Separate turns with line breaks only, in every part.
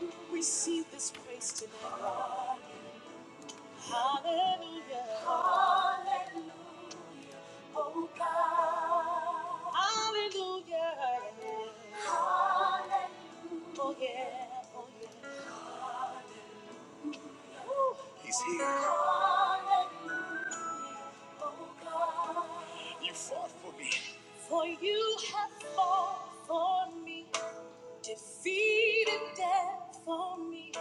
We Receive this praise today. Hallelujah. Hallelujah. Oh yeah, oh yeah. For you have fought for me, defeated death for me.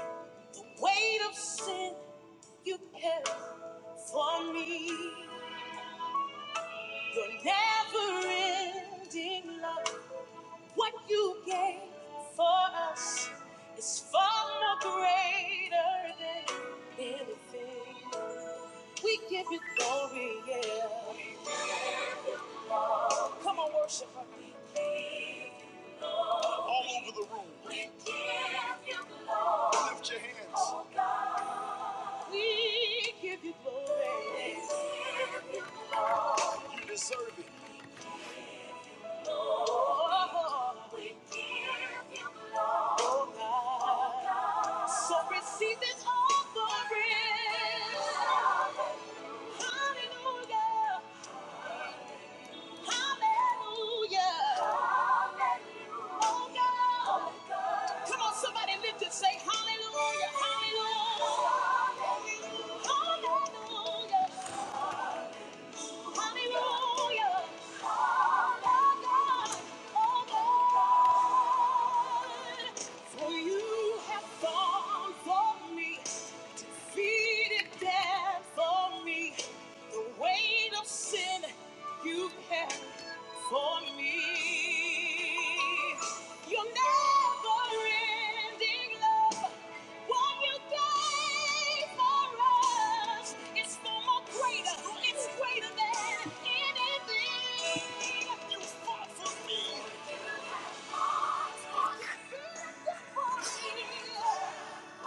The weight of sin you carry for me. Your never ending love. What you gave for us is far more greater than anything. We give you glory, yeah. Come on, worship her. We give you glory. Oh, oh God. So receive this offering. Hallelujah. Hallelujah. Oh God. Come on, somebody lift and say hallelujah. Hallelujah. Hallelujah. For you have gone for me, defeated death for me. The weight of sin you carry, for me. Your never-ending love, what you gave for us, it's no more greater. It's greater than anything you fought for me.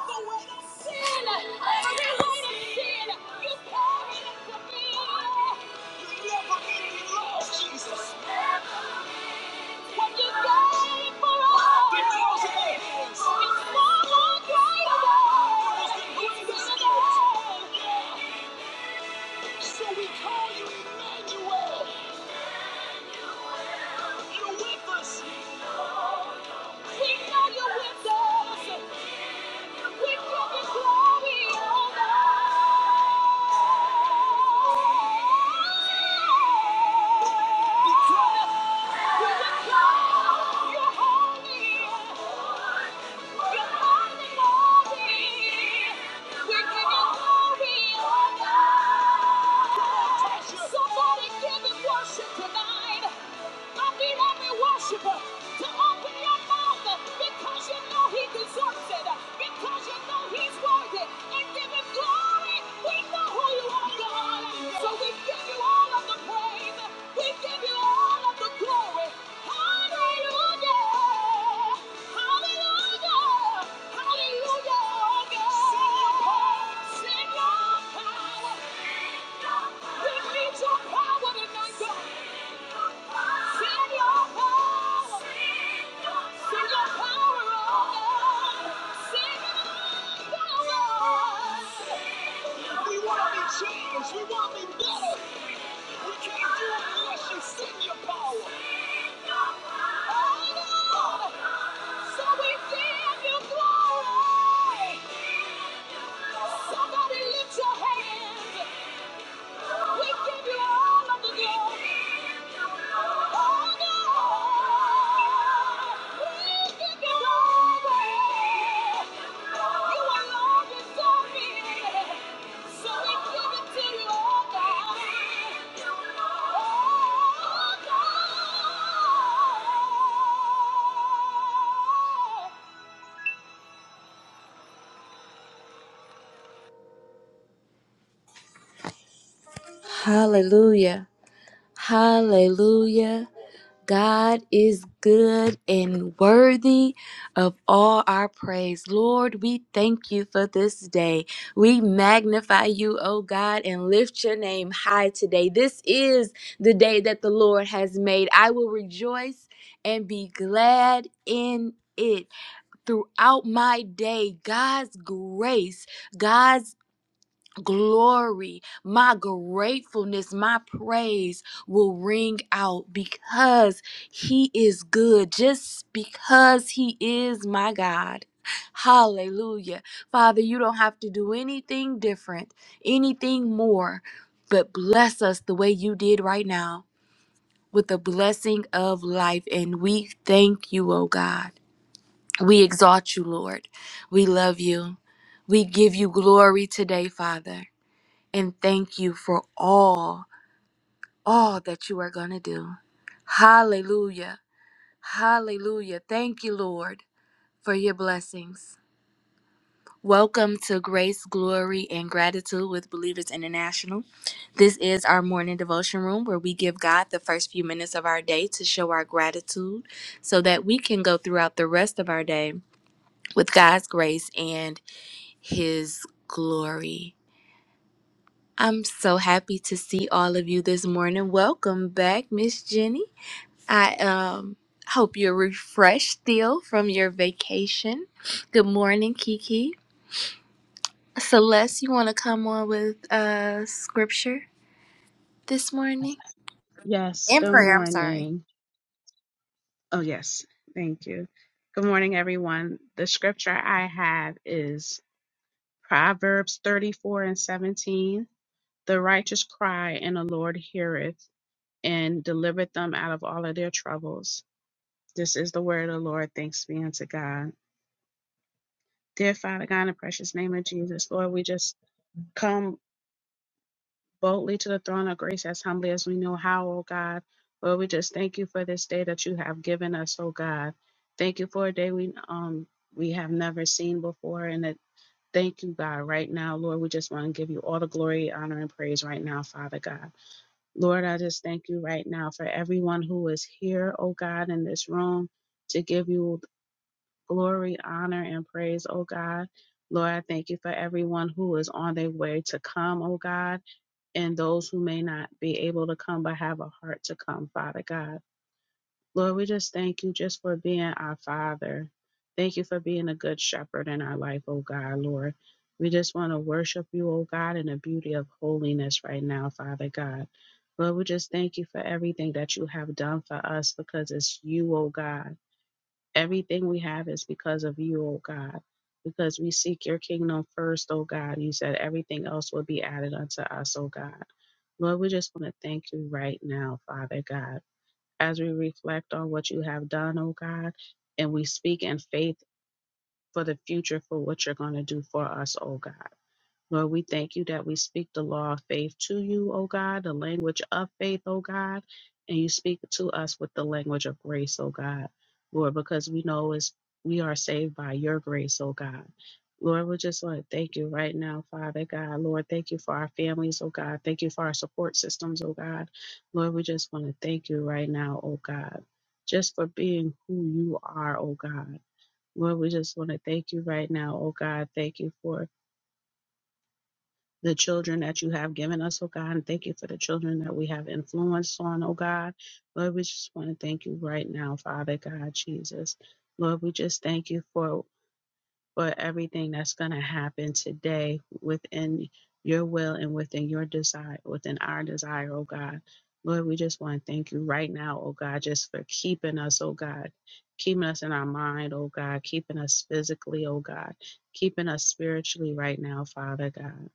The weight of sin, every weight of sin, you carried it for me. Your never-ending love, Jesus. Somebody give him worship tonight. Come beat up and worship To open your mouth uh, because you know he deserves it. uh, Because you know he's worthy. And give him glory. We know who you are, God. So we give you all of the praise. We give you all of the glory. Hallelujah. Hallelujah. Hallelujah. God. Send your power. Send your power. We need your power tonight, God. We want to meet you better. Can't do it unless you send your power. Oh, Lord. So we feel your glory. Somebody lift your hand. So oh Oh Hallelujah. Hallelujah. God is good and worthy of all our praise. Lord, we thank you for this day. We magnify you, O God, and lift your name high today. This is the day that the Lord has made. I will rejoice and be glad in it. Throughout my day, God's grace, God's glory, my gratefulness, my praise will ring out because He is good, just because He is my God. Hallelujah. Father, you don't have to do anything different, anything more, but bless us the way you did right now with the blessing of life. And we thank you, oh God. We exalt you, Lord. We love you. We give you glory today, Father and thank you for all, all that you are going to do. Hallelujah. Hallelujah. Thank you, Lord, for your blessings. Welcome to Grace, Glory, and Gratitude with Believers International. This is our morning devotion room where we give God the first few minutes of our day to show our gratitude so that we can go throughout the rest of our day with God's grace and His glory. I'm so happy to see all of you this morning. Welcome back, Miss Jenny. I um hope you're refreshed still from your vacation. Good morning, Kiki. Celeste, you want to come on with uh scripture this morning?
Yes,
And
good
prayer, I'm sorry.
morning. Oh, yes, thank you. Good morning, everyone. The scripture I have is Proverbs 34 and 17. The righteous cry, and the Lord heareth and delivereth them out of all of their troubles. This is the word of the Lord. Thanks be unto God. Dear Father God, in the precious name of Jesus, Lord, we just come boldly to the throne of grace as humbly as we know how, O God. Lord, we just thank you for this day that you have given us, O God. Thank you for a day we um we have never seen before. And that thank you, God, right now, Lord. We just want to give you all the glory, honor, and praise right now, Father God. Lord, I just thank you right now for everyone who is here, O God, in this room to give you glory, honor, and praise, O God. Lord, I thank you for everyone who is on their way to come, O God and those who may not be able to come but have a heart to come, Father God. Lord, we just thank you just for being our Father. Thank you for being a good shepherd in our life, oh God, Lord. We just want to worship you, oh God, in the beauty of holiness right now, Father God. Lord, we just thank you for everything that you have done for us because it's you, oh God. Everything we have is because of you, oh God. Because we seek your kingdom first, oh God. You said everything else will be added unto us, oh God. Lord, we just want to thank you right now, Father God, as we reflect on what you have done, oh God, and we speak in faith for the future for what you're going to do for us, oh God. Lord, we thank you that we speak the law of faith to you, O God, the language of faith, O God, and you speak to us with the language of grace, O God. Lord, because we know is we are saved by your grace, O God. Lord, we just want to thank you right now, Father God. Lord, thank you for our families, oh God. Thank you for our support systems, oh God. Lord, we just want to thank you right now, oh God, just for being who you are, oh God. Lord, we just want to thank you right now, oh God. Thank you for the children that you have given us, oh God, and thank you for the children that we have influence on, oh God. Lord, we just want to thank you right now, Father God, Jesus. Lord, we just thank you for for everything that's going to happen today within your will and within your desire, within our desire, oh God. Lord, we just want to thank you right now, oh God, just for keeping us, oh God, keeping us in our mind, oh God, keeping us physically, oh God, keeping us spiritually right now, Father God.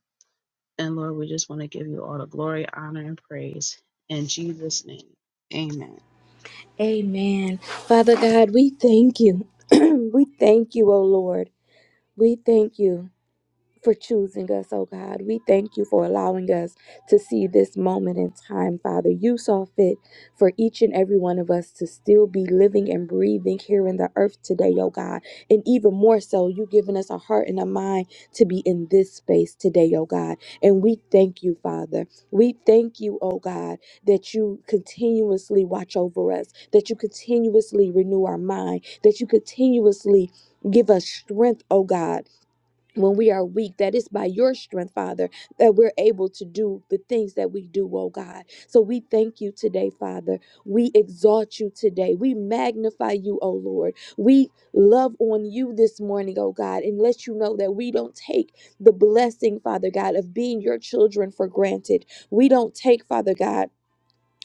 And Lord, we just want to give you all the glory, honor, and praise in Jesus' name. Amen.
Amen. Father God, we thank you. we thank you, O Lord. We thank you. for choosing us, oh God. We thank you for allowing us to see this moment in time, Father. You saw fit for each and every one of us to still be living and breathing here in the earth today, oh God. And even more so, you given us a heart and a mind to be in this space today, oh God. And we thank you, Father. We thank you, oh God, that you continuously watch over us, that you continuously renew our mind, that you continuously give us strength, oh God when we are weak, that it's by your strength, Father, that we're able to do the things that we do, oh God. So we thank you today, Father. We exalt you today. We magnify you, oh Lord. We love on you this morning, oh God, and let you know that we don't take the blessing, Father God, of being your children for granted. We don't take, Father God,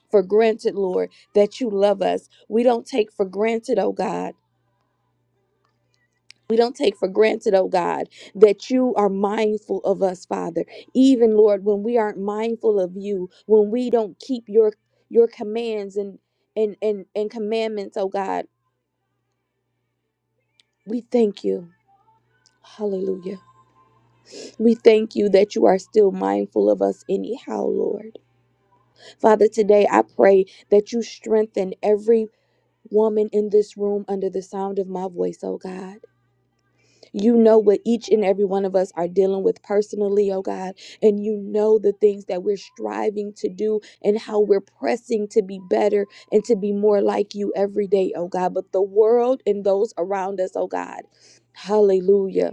for granted, Lord, that you love us. We don't take for granted, oh God we don't take for granted, oh God, that you are mindful of us, Father. Even Lord, when we aren't mindful of you, when we don't keep your your commands and and and, and commandments, oh God, we thank you. Hallelujah. We thank you that you are still mindful of us anyhow, Lord. Father, today I pray that you strengthen every woman in this room under the sound of my voice, oh God. You know what each and every one of us are dealing with personally, oh God, and you know the things that we're striving to do and how we're pressing to be better and to be more like you every day, oh God. But the world and those around us, oh God, hallelujah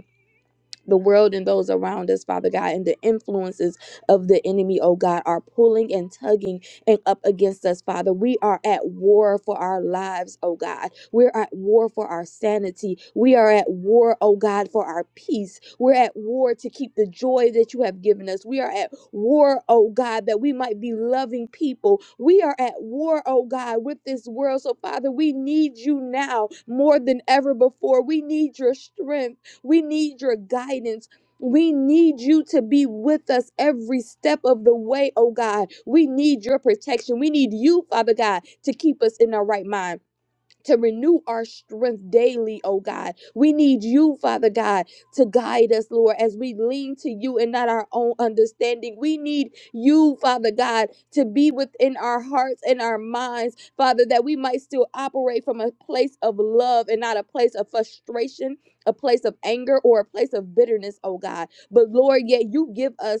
the world and those around us, Father God, and the influences of the enemy, oh God, are pulling and tugging and up against us, Father. We are at war for our lives, oh God. We're at war for our sanity. We are at war, oh God, for our peace. We're at war to keep the joy that you have given us. We are at war, oh God, that we might be loving people. We are at war, oh God, with this world. So, Father, we need you now more than ever before. We need your strength. We need your guidance. We need you to be with us every step of the way, oh God. We need your protection. We need you, Father God, to keep us in our right mind to renew our strength daily, oh God. We need you, Father God, to guide us, Lord, as we lean to you and not our own understanding. We need you, Father God, to be within our hearts and our minds, Father, that we might still operate from a place of love and not a place of frustration, a place of anger, or a place of bitterness, oh God. But Lord, yet you give us.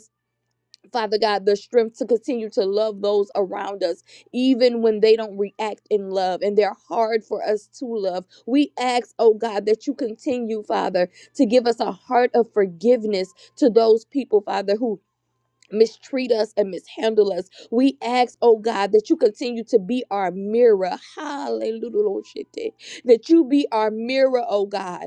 Father God, the strength to continue to love those around us, even when they don't react in love and they're hard for us to love. We ask, oh God, that you continue, Father, to give us a heart of forgiveness to those people, Father, who mistreat us and mishandle us. We ask, oh God, that you continue to be our mirror. Hallelujah. Lord, shit, eh. That you be our mirror, oh God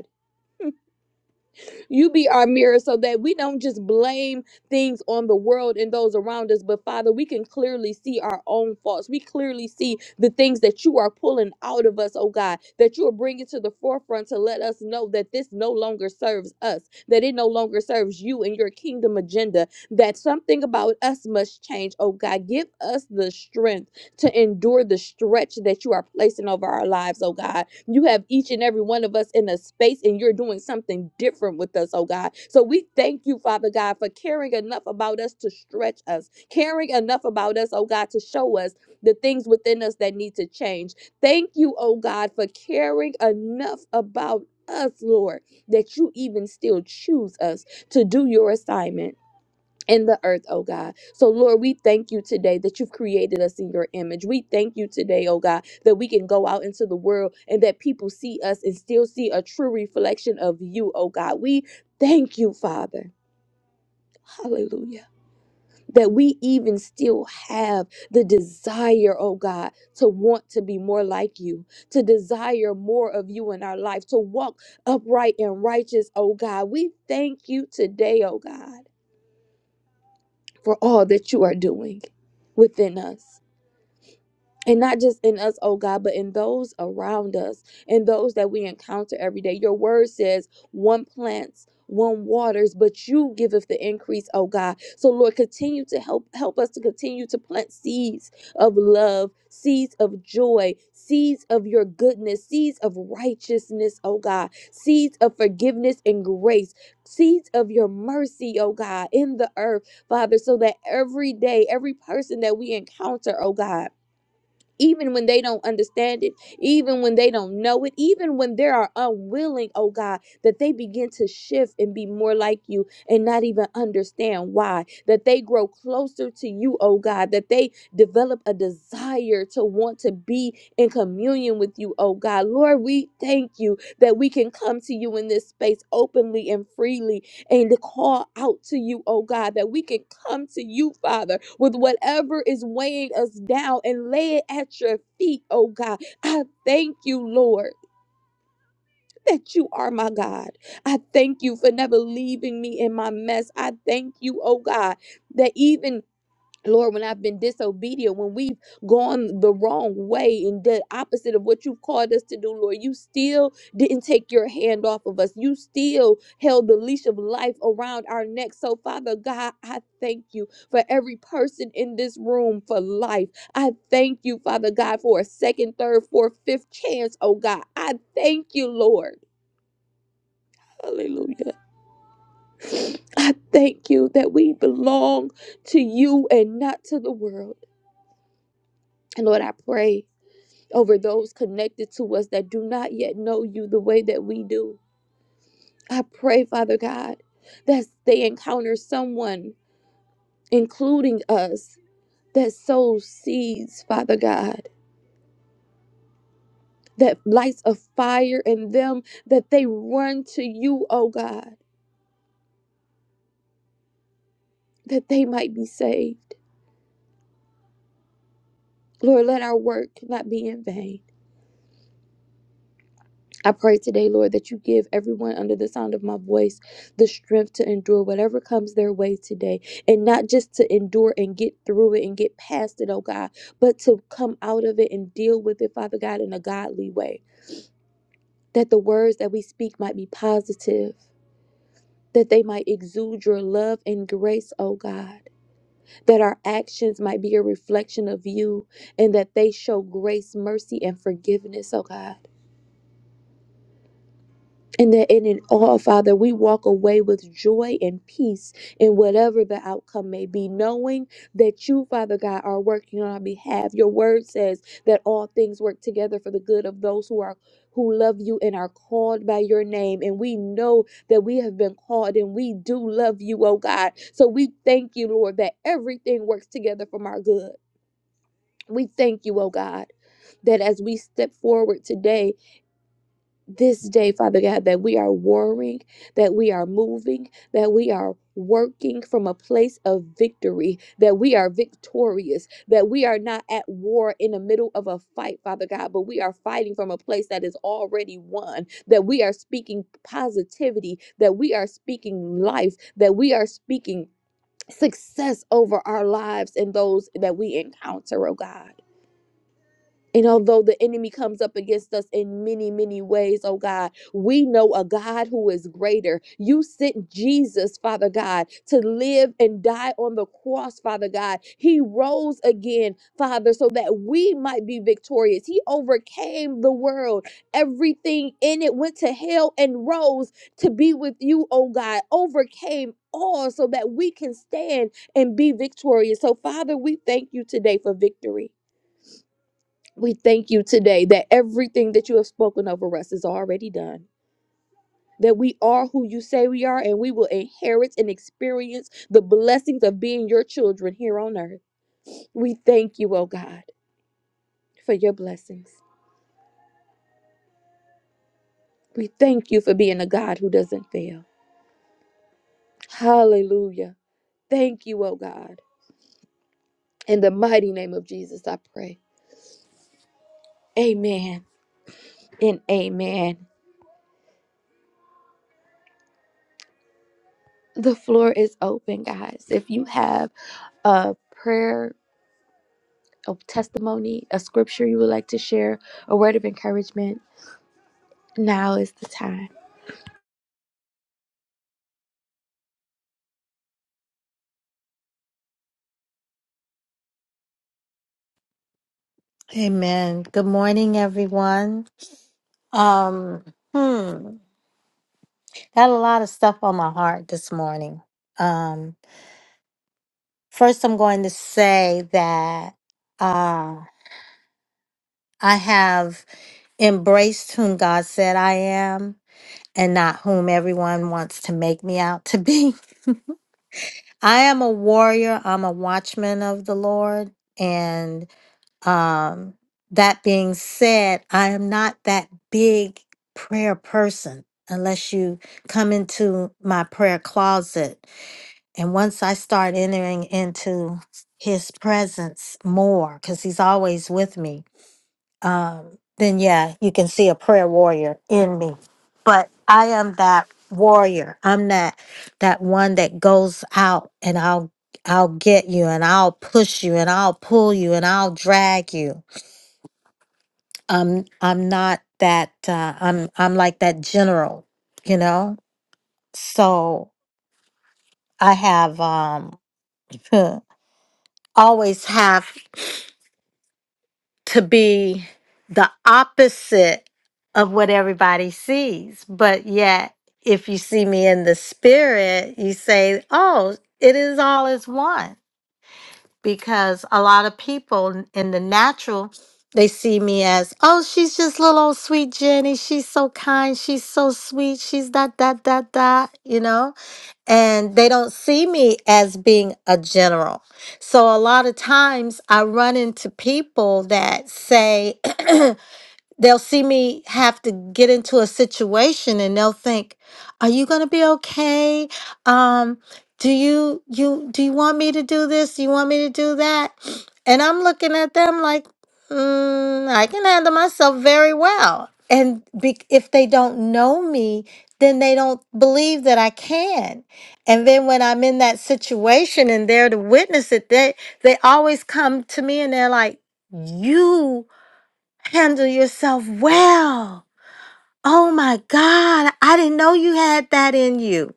you be our mirror so that we don't just blame things on the world and those around us, but Father, we can clearly see our own faults. We clearly see the things that you are pulling out of us, oh God, that you are bringing to the forefront to let us know that this no longer serves us, that it no longer serves you and your kingdom agenda, that something about us must change, oh God. Give us the strength to endure the stretch that you are placing over our lives, oh God. You have each and every one of us in a space and you're doing something different with us, oh God. So we thank you, Father God, for caring enough about us to stretch us, caring enough about us, oh God, to show us the things within us that need to change. Thank you, oh God, for caring enough about us, Lord, that you even still choose us to do your assignment in the earth, oh God. So, Lord, we thank you today that you've created us in your image. We thank you today, oh God, that we can go out into the world and that people see us and still see a true reflection of you, oh God. We thank you, Father. Hallelujah. That we even still have the desire, oh God, to want to be more like you, to desire more of you in our life, to walk upright and righteous, oh God. We thank you today, oh God for all that you are doing within us and not just in us, oh God, but in those around us and those that we encounter every day. Your word says, one plants, one waters, but you giveth the increase, oh God. So Lord, continue to help help us to continue to plant seeds of love, seeds of joy, seeds of your goodness, seeds of righteousness, oh God, seeds of forgiveness and grace, seeds of your mercy, oh God, in the earth, Father, so that every day, every person that we encounter, oh God even when they don't understand it, even when they don't know it, even when they are unwilling, oh God, that they begin to shift and be more like you and not even understand why, that they grow closer to you, oh God, that they develop a desire to want to be in communion with you, oh God. Lord, we thank you that we can come to you in this space openly and freely and to call out to you, oh God, that we can come to you, Father, with whatever is weighing us down and lay it at your feet, oh God. I thank you, Lord. That you are my God. I thank you for never leaving me in my mess. I thank you, oh God, that even Lord, when I've been disobedient, when we've gone the wrong way and the opposite of what you've called us to do, Lord, you still didn't take your hand off of us. You still held the leash of life around our neck. So, Father God, I thank you for every person in this room for life. I thank you, Father God, for a second, third, fourth, fifth chance, oh God. I thank you, Lord. Hallelujah. I thank you that we belong to you and not to the world. And Lord, I pray over those connected to us that do not yet know you the way that we do. I pray, Father God, that they encounter someone, including us, that sows seeds, Father God, that lights a fire in them, that they run to you, O God, that they might be saved. Lord, let our work not be in vain. I pray today, Lord, that you give everyone under the sound of my voice the strength to endure whatever comes their way today. And not just to endure and get through it and get past it, oh God, but to come out of it and deal with it, Father God, in a godly way. That the words that we speak might be positive, that they might exude your love and grace, oh God. That our actions might be a reflection of you, and that they show grace, mercy, and forgiveness, oh God. And that in it all, Father, we walk away with joy and peace in whatever the outcome may be, knowing that you, Father God, are working on our behalf. Your word says that all things work together for the good of those who are who love you and are called by your name. And we know that we have been called and we do love you, oh God. So we thank you, Lord, that everything works together for our good. We thank you, oh God, that as we step forward today, this day, Father God, that we are warring, that we are moving, that we are working from a place of victory, that we are victorious, that we are not at war in the middle of a fight, Father God, but we are fighting from a place that is already won, that we are speaking positivity, that we are speaking life, that we are speaking success over our lives and those that we encounter, oh God. And although the enemy comes up against us in many, many ways, oh God, we know a God who is greater. You sent Jesus, Father God, to live and die on the cross, Father God. He rose again, Father, so that we might be victorious. He overcame the world. Everything in it went to hell and rose to be with you, oh God. Overcame all so that we can stand and be victorious. So, Father, we thank you today for victory. We thank you today that everything that you have spoken over us is already done. That we are who you say we are, and we will inherit and experience the blessings of being your children here on earth. We thank you, oh God, for your blessings. We thank you for being a God who doesn't fail. Hallelujah. Thank you, oh God. In the mighty name of Jesus, I pray. Amen and amen. The floor is open, guys. If you have a prayer, of testimony, a scripture you would like to share, a word of encouragement, now is the time.
Amen. Good morning, everyone. Um, hmm, got a lot of stuff on my heart this morning. Um, first, I'm going to say that uh, I have embraced whom God said I am and not whom everyone wants to make me out to be. I am a warrior, I'm a watchman of the Lord. And Um, that being said, I am not that big prayer person unless you come into my prayer closet. And once I start entering into his presence more, because he's always with me, um, then yeah, you can see a prayer warrior in me. But I am that warrior. I'm that that one that goes out and I'll I'll get you and I'll push you and I'll pull you and I'll drag you I'm I'm not that uh, I'm I'm like that general, you know. So I have um always have to be the opposite of what everybody sees, but yet if you see me in the spirit, you say, "Oh, it is all as one." because a lot of people in the natural they see me as oh she's just little old sweet jenny she's so kind she's so sweet she's that that that that you know and they don't see me as being a general so a lot of times i run into people that say they'll see me have to get into a situation and they'll think are you going to be okay um do you you do you want me to do this do you want me to do that and i'm looking at them like mm, i can handle myself very well and be, if they don't know me then they don't believe that i can and then when i'm in that situation and they're to witness it they they always come to me and they're like you Handle yourself well. Oh my God, I didn't know you had that in you.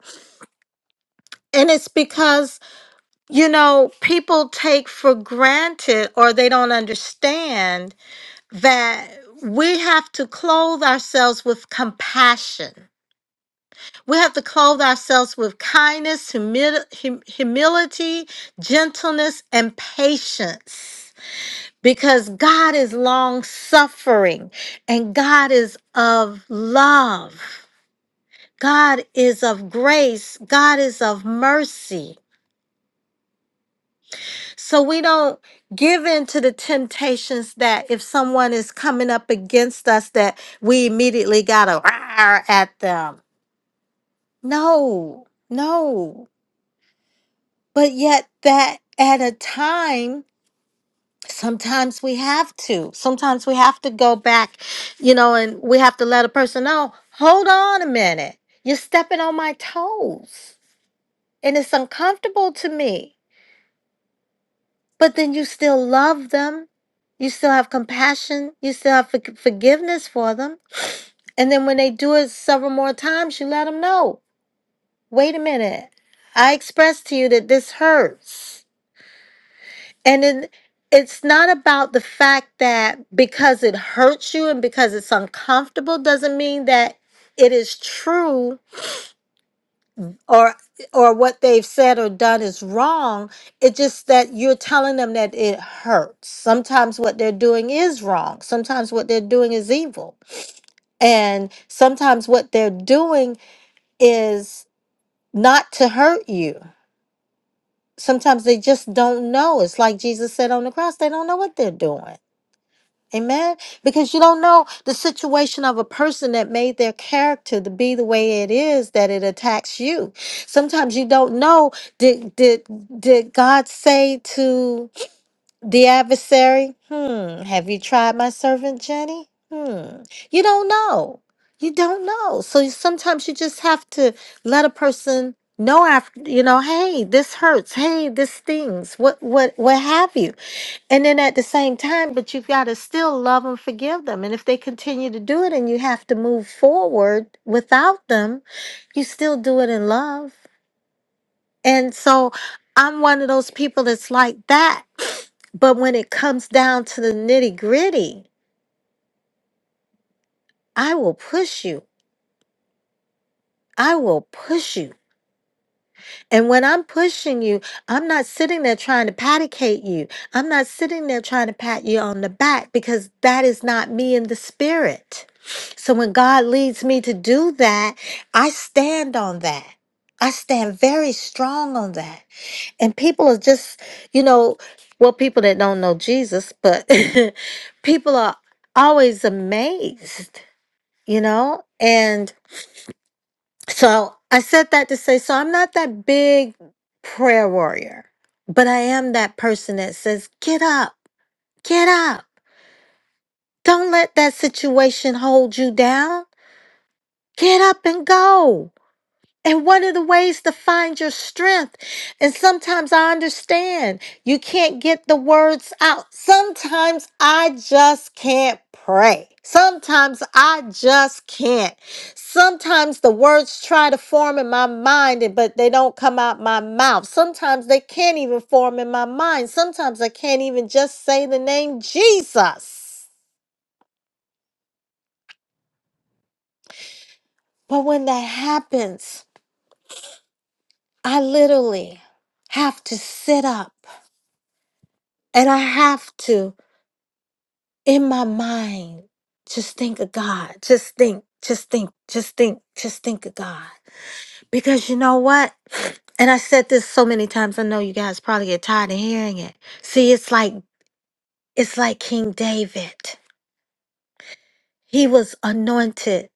And it's because, you know, people take for granted or they don't understand that we have to clothe ourselves with compassion. We have to clothe ourselves with kindness, humi- hum- humility, gentleness, and patience because God is long suffering and God is of love. God is of grace. God is of mercy. So we don't give in to the temptations that if someone is coming up against us, that we immediately got to roar at them. No, no. But yet, that at a time, sometimes we have to. Sometimes we have to go back, you know, and we have to let a person know hold on a minute. You're stepping on my toes, and it's uncomfortable to me but then you still love them. You still have compassion. You still have forg- forgiveness for them. And then when they do it several more times, you let them know wait a minute. I expressed to you that this hurts. And then it's not about the fact that because it hurts you and because it's uncomfortable doesn't mean that it is true or or what they've said or done is wrong it's just that you're telling them that it hurts sometimes what they're doing is wrong sometimes what they're doing is evil and sometimes what they're doing is not to hurt you sometimes they just don't know it's like jesus said on the cross they don't know what they're doing Amen. Because you don't know the situation of a person that made their character to be the way it is that it attacks you. Sometimes you don't know did did did God say to the adversary, "Hmm, have you tried my servant Jenny?" Hmm. You don't know. You don't know. So you- sometimes you just have to let a person know after, you know, "Hey, this hurts. Hey, this stings. What what what have you?" And then at the same time, but you've got to still love and forgive them. And if they continue to do it and you have to move forward without them, you still do it in love. And so I'm one of those people that's like that. But when it comes down to the nitty gritty, I will push you. I will push you And when I'm pushing you, I'm not sitting there trying to paticate you. I'm not sitting there trying to pat you on the back because that is not me in the spirit. So when God leads me to do that, I stand on that. I stand very strong on that. And people are just, you know, well, people that don't know Jesus, but people are always amazed, you know? And so I said that to say, so I'm not that big prayer warrior, but I am that person that says, get up, get up. Don't let that situation hold you down. Get up and go. And one of the ways to find your strength, and sometimes I understand you can't get the words out. Sometimes I just can't pray. Sometimes I just can't. Sometimes the words try to form in my mind, and- but they don't come out my mouth. Sometimes they can't even form in my mind. Sometimes I can't even just say the name Jesus. But when that happens, I literally have to sit up And I have to, in my mind, just think of God. Just think, just think, just think, just think of God. Because you know what? And I said this so many times, I know you guys probably get tired of hearing it. See, it's like it's like King David. He was anointed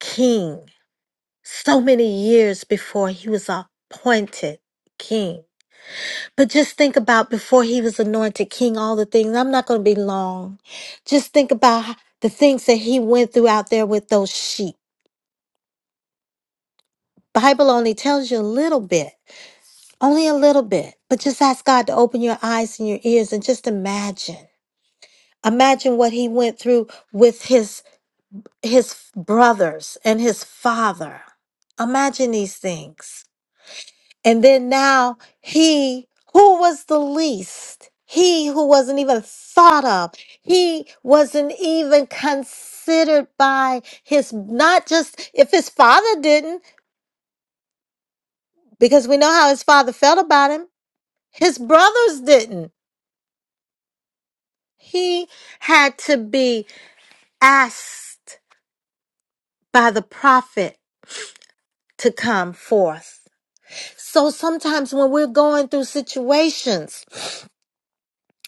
king so many years before he was appointed king. But just think about before he was anointed king, all the things. I'm not going to be long. Just think about h- the things that he went through out there with those sheep. Bible only tells you a little bit, only a little bit. But just ask God to open your eyes and your ears and just imagine. Imagine what he went through with his his brothers and his father. Imagine these things. And then now he who was the least, he who wasn't even thought of, he wasn't even considered by his, not just if his father didn't, because we know how his father felt about him, his brothers didn't. He had to be asked by the prophet to come forth. So sometimes when we're going through situations,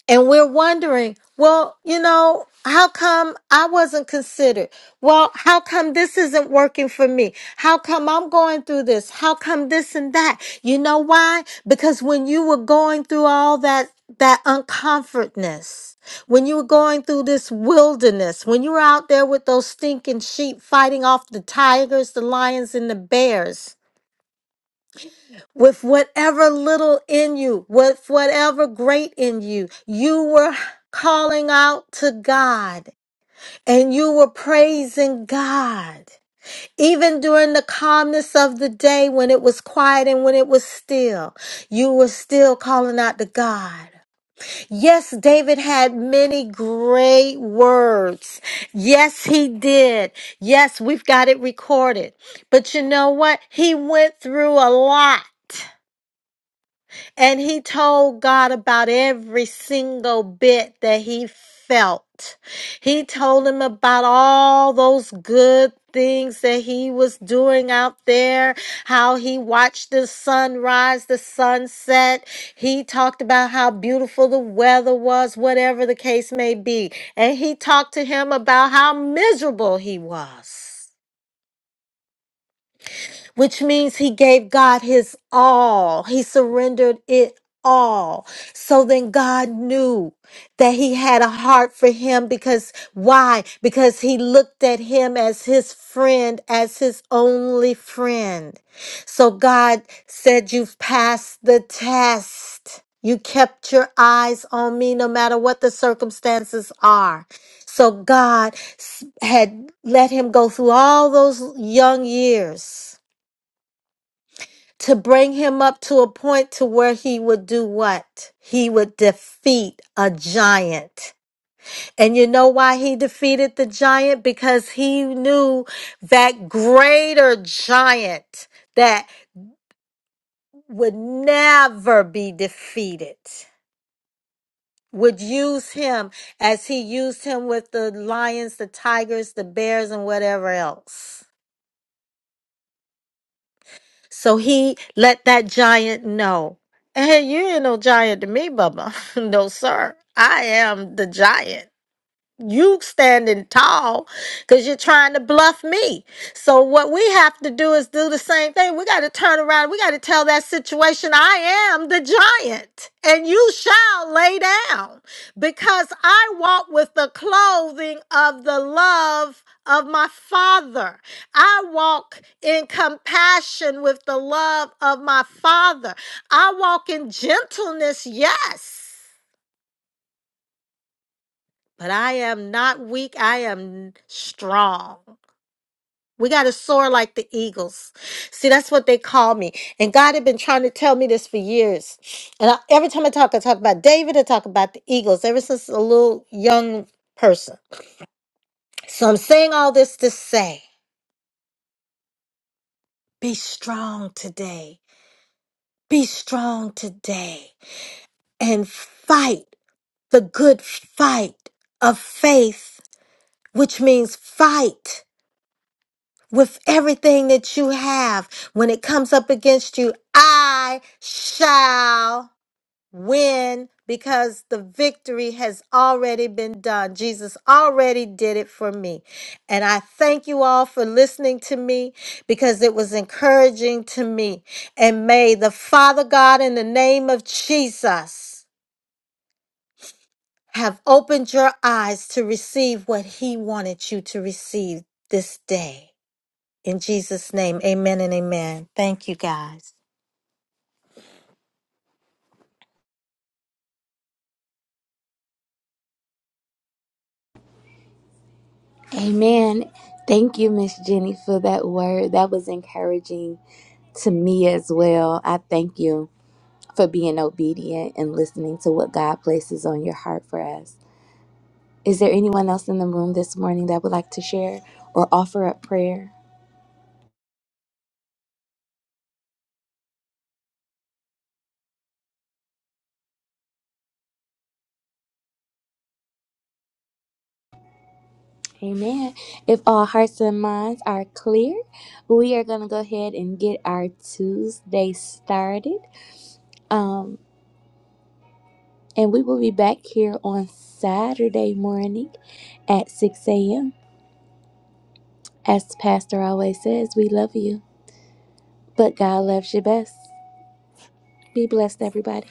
and we're wondering, well, you know, how come I wasn't considered? Well, how come this isn't working for me? How come I'm going through this? How come this and that? You know why? Because when you were going through all that, that uncomfortness, when you were going through this wilderness, when you were out there with those stinking sheep fighting off the tigers, the lions, and the bears, with whatever little in you, with whatever great in you. You were calling out to God and you were praising God. Even during the calmness of the day when it was quiet and when it was still, you were still calling out to God. Yes, David had many great words. Yes, he did. Yes, we've got it recorded. But you know what? He went through a lot. And he told God about every single bit that he felt. He told him about all those good things that he was doing out there, how he watched the sunrise, the sunset. He talked about how beautiful the weather was, whatever the case may be. And he talked to him about how miserable he was which means he gave God his all. He surrendered it all. So then God knew that he had a heart for him because why? Because he looked at him as his friend, as his only friend. So God said, You've passed the test. You kept your eyes on me no matter what the circumstances are. So God s- had let him go through all those young years to bring him up to a point to where he would do what? He would defeat a giant. And you know why he defeated the giant? Because he knew that greater giant that would never be defeated would use him as he used him with the lions, the tigers, the bears, and whatever else. So he let that giant know. Hey, you ain't no giant to me, Bubba. no, sir. I am the giant you standing tall because you're trying to bluff me. So what we have to do is do the same thing. We got to turn around. We got to tell that situation, I am the giant, and you shall lay down because I walk with the clothing of the love of my father. I walk in compassion with the love of my father. I walk in gentleness, yes but I am not weak. I am strong. We got to soar like the eagles. See, that's what they call me. And God had been trying to tell me this for years. And I, every time I talk, I talk about David, I talk about the eagles ever since a little young person. So I'm saying all this to say be strong today. Be strong today and fight the good fight of faith, which means fight. with everything that you have. When it comes up against you, I shall win because the victory has already been done. Jesus already did it for me. And I thank you all for listening to me because it was encouraging to me. And may the Father God, in the name of Jesus, have opened your eyes to receive what He wanted you to receive this day. In Jesus' name, amen and amen. Thank you, guys.
Amen. Thank you, Miss Jenny, for that word. That was encouraging to me as well. I thank you for being obedient and listening to what God places on your heart for us. Is there anyone else in the room this morning that would like to share or offer up prayer? Amen. If all hearts and minds are clear, we are going to go ahead and get our Tuesday started. Um, And we will be back here on Saturday morning at 6 a.m. As the pastor always says, we love you, but God loves you best. Be blessed, everybody.